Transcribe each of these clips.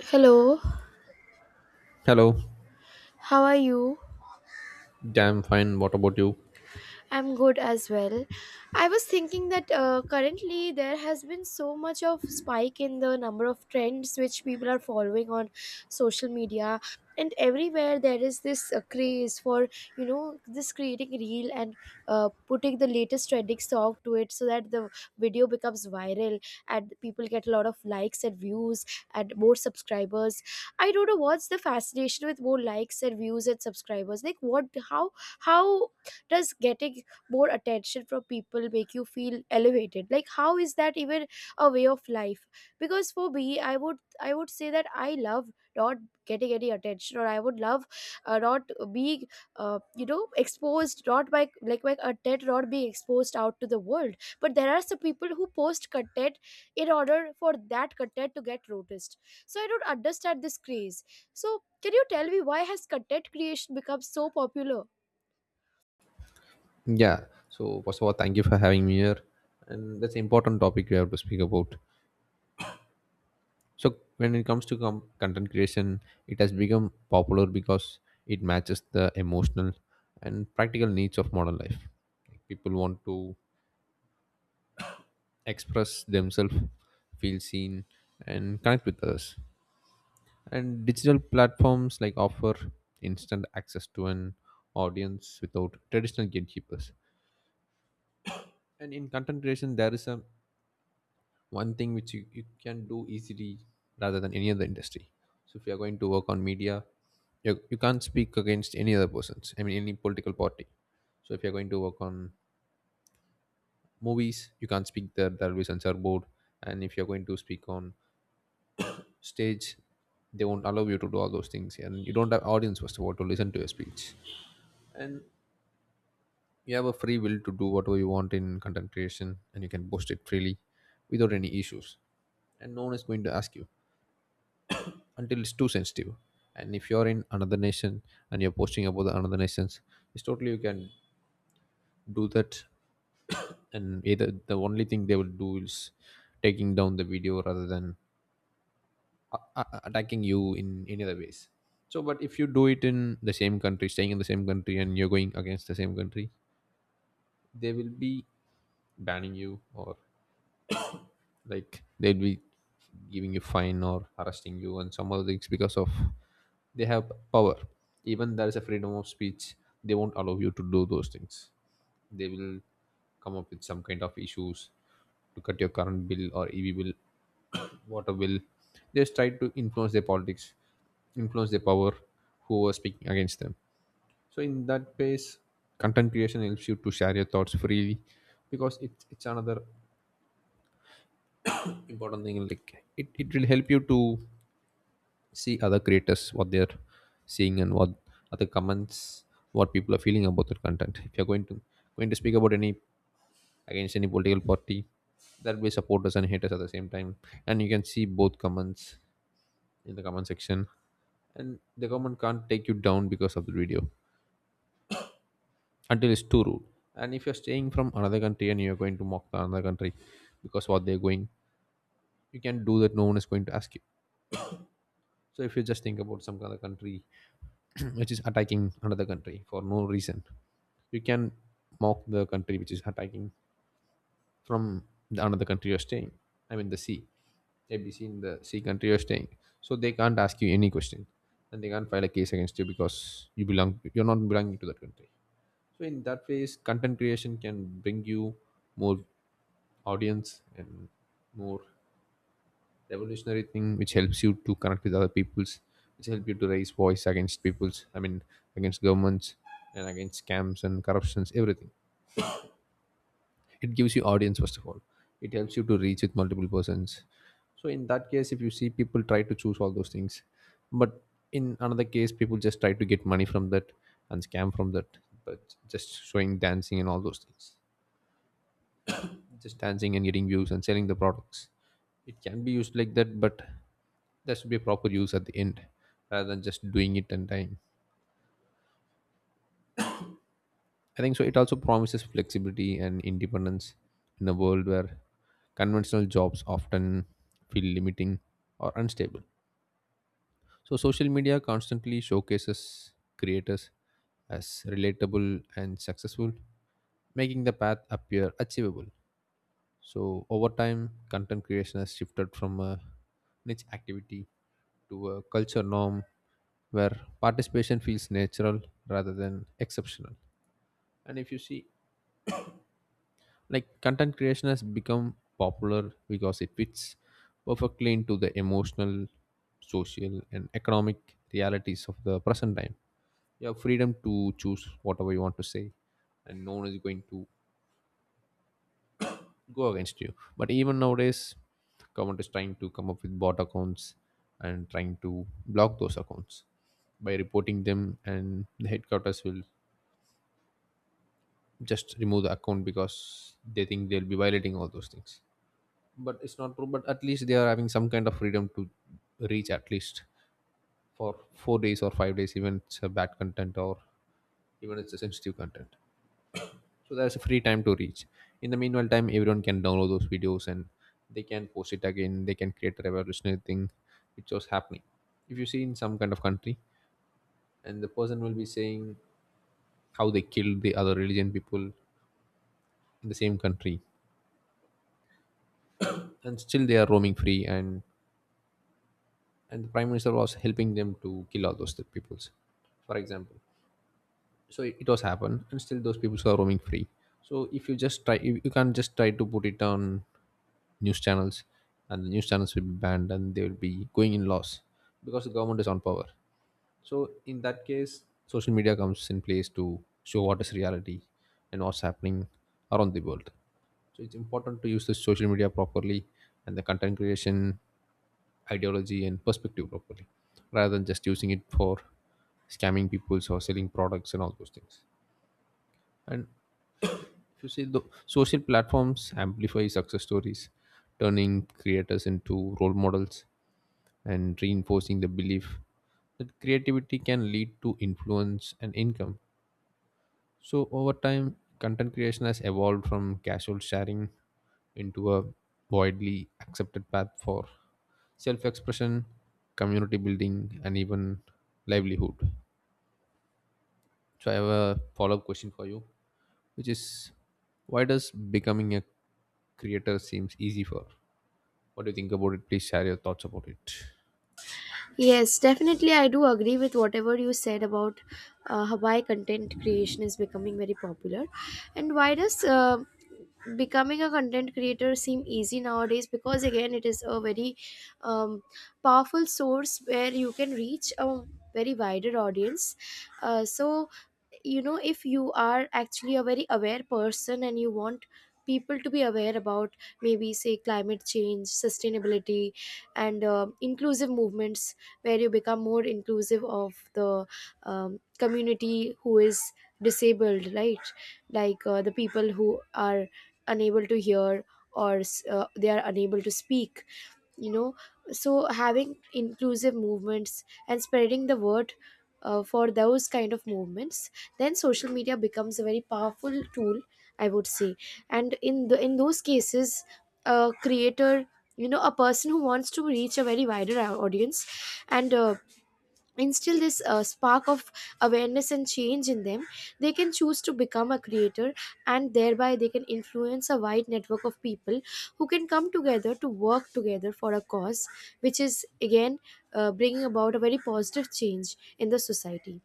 Hello, Hello. how are you? Damn fine. What about you? I'm good as well. I was thinking that currently there has been so much of spike in the number of trends which people are following on social media, and everywhere there is this craze for, this creating reel and putting the latest trending song to it so that the video becomes viral and people get a lot of likes and views and more subscribers. I don't know what's the fascination with more likes and views and subscribers. Like, what, how does getting more attention from people make you feel elevated? Like, how is that even a way of life? Because for me, I would say that I love not getting any attention, or I would love not being exposed, not by, like, my content not being exposed out to the world. But there are some people who post content in order for that content to get noticed. So I don't understand this craze. So can you tell me, why has content creation become so popular? Yeah. So first of all, thank you for having me here. And that's an important topic we have to speak about. So when it comes to content creation, it has become popular because it matches the emotional and practical needs of modern life. Like, people want to express themselves, feel seen, and connect with others. And digital platforms like offer instant access to an audience without traditional gatekeepers. And in content creation, there is a one thing which you can do easily rather than any other industry. So if you are going to work on media, you can't speak against any other persons. I mean, any political party. So if you're going to work on movies, you can't speak there. There will be censor board. And if you're going to speak on stage, they won't allow you to do all those things. And you don't have audience first of all to listen to your speech. And you have a free will to do whatever you want in content creation and you can post it freely without any issues and no one is going to ask you until it's too sensitive. And if you're in another nation and you're posting about the another nations, it's totally you can do that. And either the only thing they will do is taking down the video rather than attacking you in any other ways. So but if you do it in the same country, staying in the same country and you're going against the same country, they will be banning you or like they'll be giving you fine or arresting you and some other things, because of they have power. Even there is a freedom of speech, they won't allow you to do those things. They will come up with some kind of issues to cut your current bill or ev bill, water bill. They just try to influence their politics, influence their power, who are speaking against them. So in that space, content creation helps you to share your thoughts freely, because it's another important thing. Like it will help you to see other creators what they're seeing and what other comments, what people are feeling about their content. If you're going to speak about any, against any political party, there'll be supporters and haters at the same time and you can see both comments in the comment section. And the government can't take you down because of the video until it's too rude. And if you're staying from another country and you're going to mock the another country, because what they're going, you can do that, no one is going to ask you. So if you just think about some other country which is attacking another country for no reason, you can mock the country which is attacking from the another country you're staying. I mean the sea, ABC, in the sea country you're staying. So they can't ask you any question and they can't file a case against you, because you belong, you're not belonging to that country. So in that phase, content creation can bring you more audience and more revolutionary thing which helps you to connect with other peoples, which help you to raise voice against peoples, I mean against governments, and against scams and corruptions, everything. It gives you audience first of all. It helps you to reach with multiple persons. So in that case if you see, people try to choose all those things. But in another case, people just try to get money from that and scam from that, but just showing dancing and all those things, just dancing and getting views and selling the products. It can be used like that, but there should be a proper use at the end rather than just doing it on time. I think so it also promises flexibility and independence in a world where conventional jobs often feel limiting or unstable. So social media constantly showcases creators as relatable and successful, making the path appear achievable. So over time, content creation has shifted from a niche activity to a culture norm where participation feels natural rather than exceptional. And if you see, like content creation has become popular because it fits perfectly into the emotional, social, and economic realities of the present time. You have freedom to choose whatever you want to say, and no one is going to go against you. But even nowadays, government is trying to come up with bot accounts and trying to block those accounts by reporting them, and the headquarters will just remove the account because they think they'll be violating all those things. But it's not true. But at least they are having some kind of freedom to reach, at least for 4 days or 5 days, even it's a bad content or even it's a sensitive content. So there's a free time to reach. In the meanwhile time, everyone can download those videos and they can post it again, they can create a revolutionary thing which was happening. If you see in some kind of country, and the person will be saying how they killed the other religion people in the same country, and still they are roaming free, and the prime minister was helping them to kill all those peoples, for example. So it was happened and still those people are roaming free. So if you just try, you can't just try to put it on news channels, and the news channels will be banned and they will be going in loss because the government is on power. So in that case, social media comes in place to show what is reality and what's happening around the world. So it's important to use the social media properly and the content creation ideology and perspective properly, rather than just using it for scamming people or selling products and all those things. And if you see, the social platforms amplify success stories, turning creators into role models and reinforcing the belief that creativity can lead to influence and income. So, over time, content creation has evolved from casual sharing into a widely accepted path for self expression, community building, and even livelihood. So, I have a follow up question for you, which is why does becoming a creator seems easy for? What do you think about it? Please share your thoughts about it. Yes, definitely. I do agree with whatever you said about why content creation is becoming very popular and why does becoming a content creator seem easy nowadays, because again it is a very um, powerful source where you can reach a very wider audience. So, if you are actually a very aware person and you want people to be aware about, maybe say, climate change, sustainability, and inclusive movements where you become more inclusive of the community who is disabled, right? Like, the people who are unable to hear, or they are unable to speak, you know. So having inclusive movements and spreading the word for those kind of movements, then social media becomes a very powerful tool, I would say. And in the, in those cases, a creator, you know, a person who wants to reach a very wider audience and instill this spark of awareness and change in them, they can choose to become a creator, and thereby they can influence a wide network of people who can come together to work together for a cause, which is again bringing about a very positive change in the society.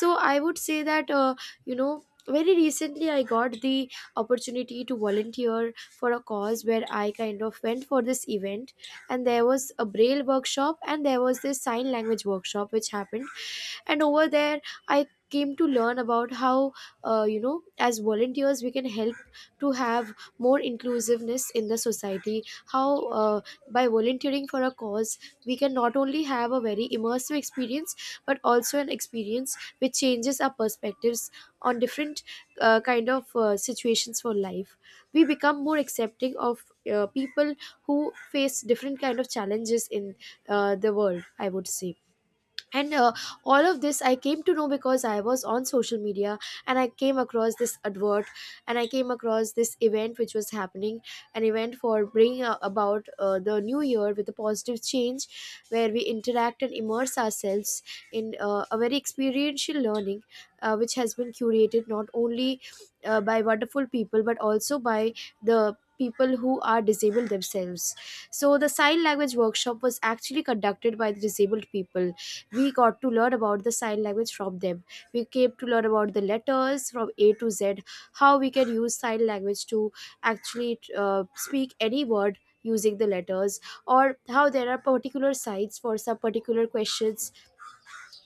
So I would say that, very recently I got the opportunity to volunteer for a cause, where I kind of went for this event, and there was a braille workshop and there was this sign language workshop which happened. And over there I came to learn about how, as volunteers we can help to have more inclusiveness in the society, how, uh, by volunteering for a cause, we can not only have a very immersive experience, but also an experience which changes our perspectives on different kind of situations for life. We become more accepting of people who face different kind of challenges in the world, I would say. And all of this I came to know because I was on social media, and I came across this advert, and I came across this event which was happening, an event for bringing about the new year with a positive change, where we interact and immerse ourselves in a very experiential learning, which has been curated not only by wonderful people but also by the people who are disabled themselves. So the sign language workshop was actually conducted by the disabled people. We got to learn about the sign language from them. We came to learn about the letters from a to z, how we can use sign language to actually speak any word using the letters, or how there are particular signs for some particular questions,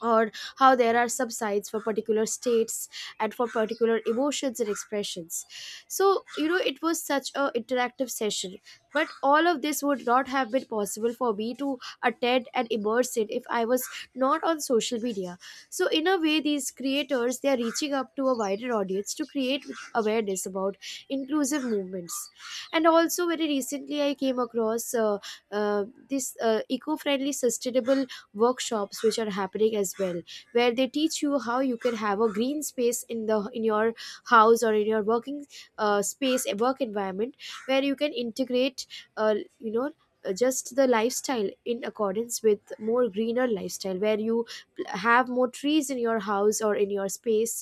or how there are subsides for particular states and for particular emotions and expressions. So, you know, it was such a interactive session, but all of this would not have been possible for me to attend and immerse in if I was not on social media. So in a way, these creators, they are reaching up to a wider audience to create awareness about inclusive movements. And also very recently I came across this eco-friendly sustainable workshops which are happening as well, where they teach you how you can have a green space in the, in your house or in your working space, a work environment where you can integrate, uh, you know just the lifestyle in accordance with more greener lifestyle, where you have more trees in your house or in your space,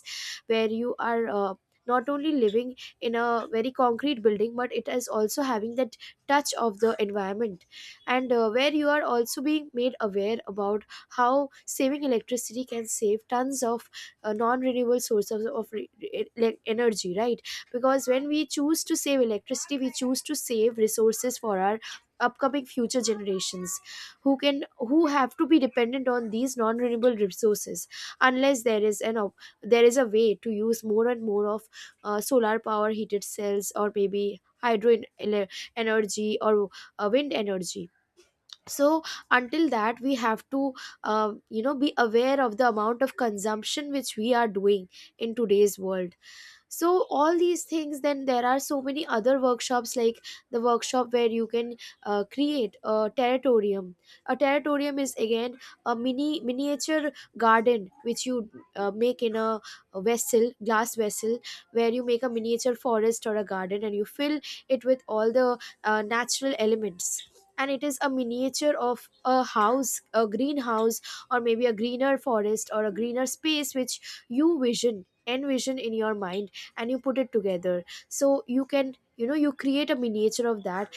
where you are not only living in a very concrete building but it is also having that touch of the environment. And where you are also being made aware about how saving electricity can save tons of non-renewable sources of like, energy, right? Because when we choose to save electricity, we choose to save resources for our upcoming future generations, who can who have to be dependent on these non-renewable resources, unless there is a way to use more and more of solar power heated cells, or maybe energy, or wind energy. So until that, we have to be aware of the amount of consumption which we are doing in today's world. So all these things, then there are so many other workshops, like the workshop where you can create a terrarium. A terrarium is, again, a mini, miniature garden which you make in a, vessel, glass vessel, where you make a miniature forest or a garden and you fill it with all the natural elements. And it is a miniature of a house, a greenhouse, or maybe a greener forest or a greener space which you vision, envision in your mind, and you put it together. So you can, you know, you create a miniature of that,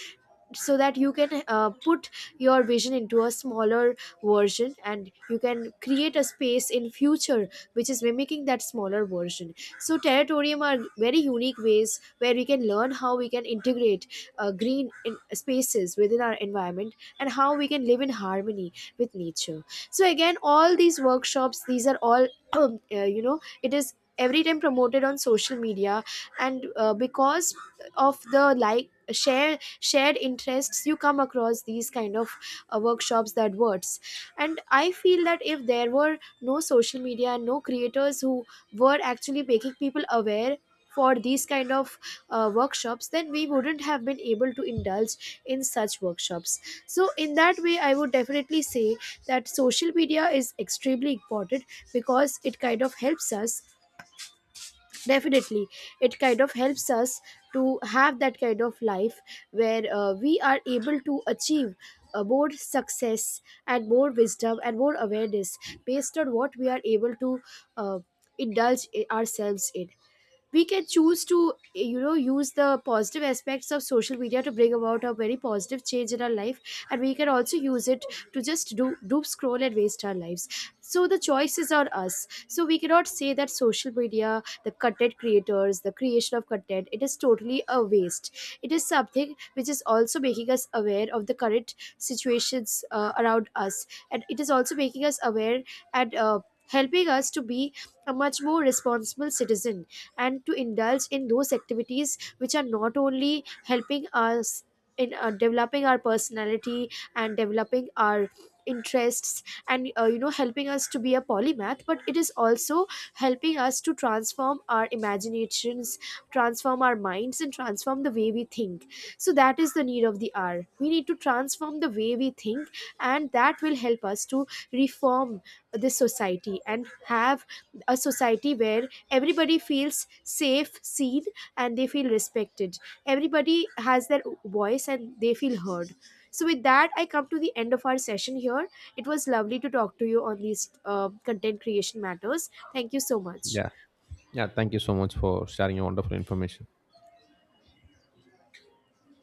so that you can put your vision into a smaller version, and you can create a space in future which is mimicking that smaller version. So territorium are very unique ways where we can learn how we can integrate green in spaces within our environment, and how we can live in harmony with nature. So again, all these workshops, these are all it is every time promoted on social media. And because of the like, share, shared interests, you come across these kind of workshops, that words. And I feel that if there were no social media and no creators who were actually making people aware for these kind of workshops, then we wouldn't have been able to indulge in such workshops. So in that way, I would definitely say that social media is extremely important, because it kind of helps us, definitely. It kind of helps us to have that kind of life where we are able to achieve more success and more wisdom and more awareness based on what we are able to uh, indulge ourselves in. We can choose to, you know, use the positive aspects of social media to bring about a very positive change in our life, and we can also use it to just do doom scroll and waste our lives. So the choice is on us. So we cannot say that social media, the content creators, the creation of content, it is totally a waste. It is something which is also making us aware of the current situations around us, and it is also making us aware, and helping us to be a much more responsible citizen, and to indulge in those activities which are not only helping us in developing our personality and developing our interests, and, helping us to be a polymath, but it is also helping us to transform our imaginations, transform our minds, and transform the way we think. So that is the need of the hour. We need to transform the way we think, and that will help us to reform this society and have a society where everybody feels safe, seen, and they feel respected. Everybody has their voice and they feel heard. So, with that, I come to the end of our session here. It was lovely to talk to you on these content creation matters. Thank you so much. Yeah. Yeah. Thank you so much for sharing your wonderful information.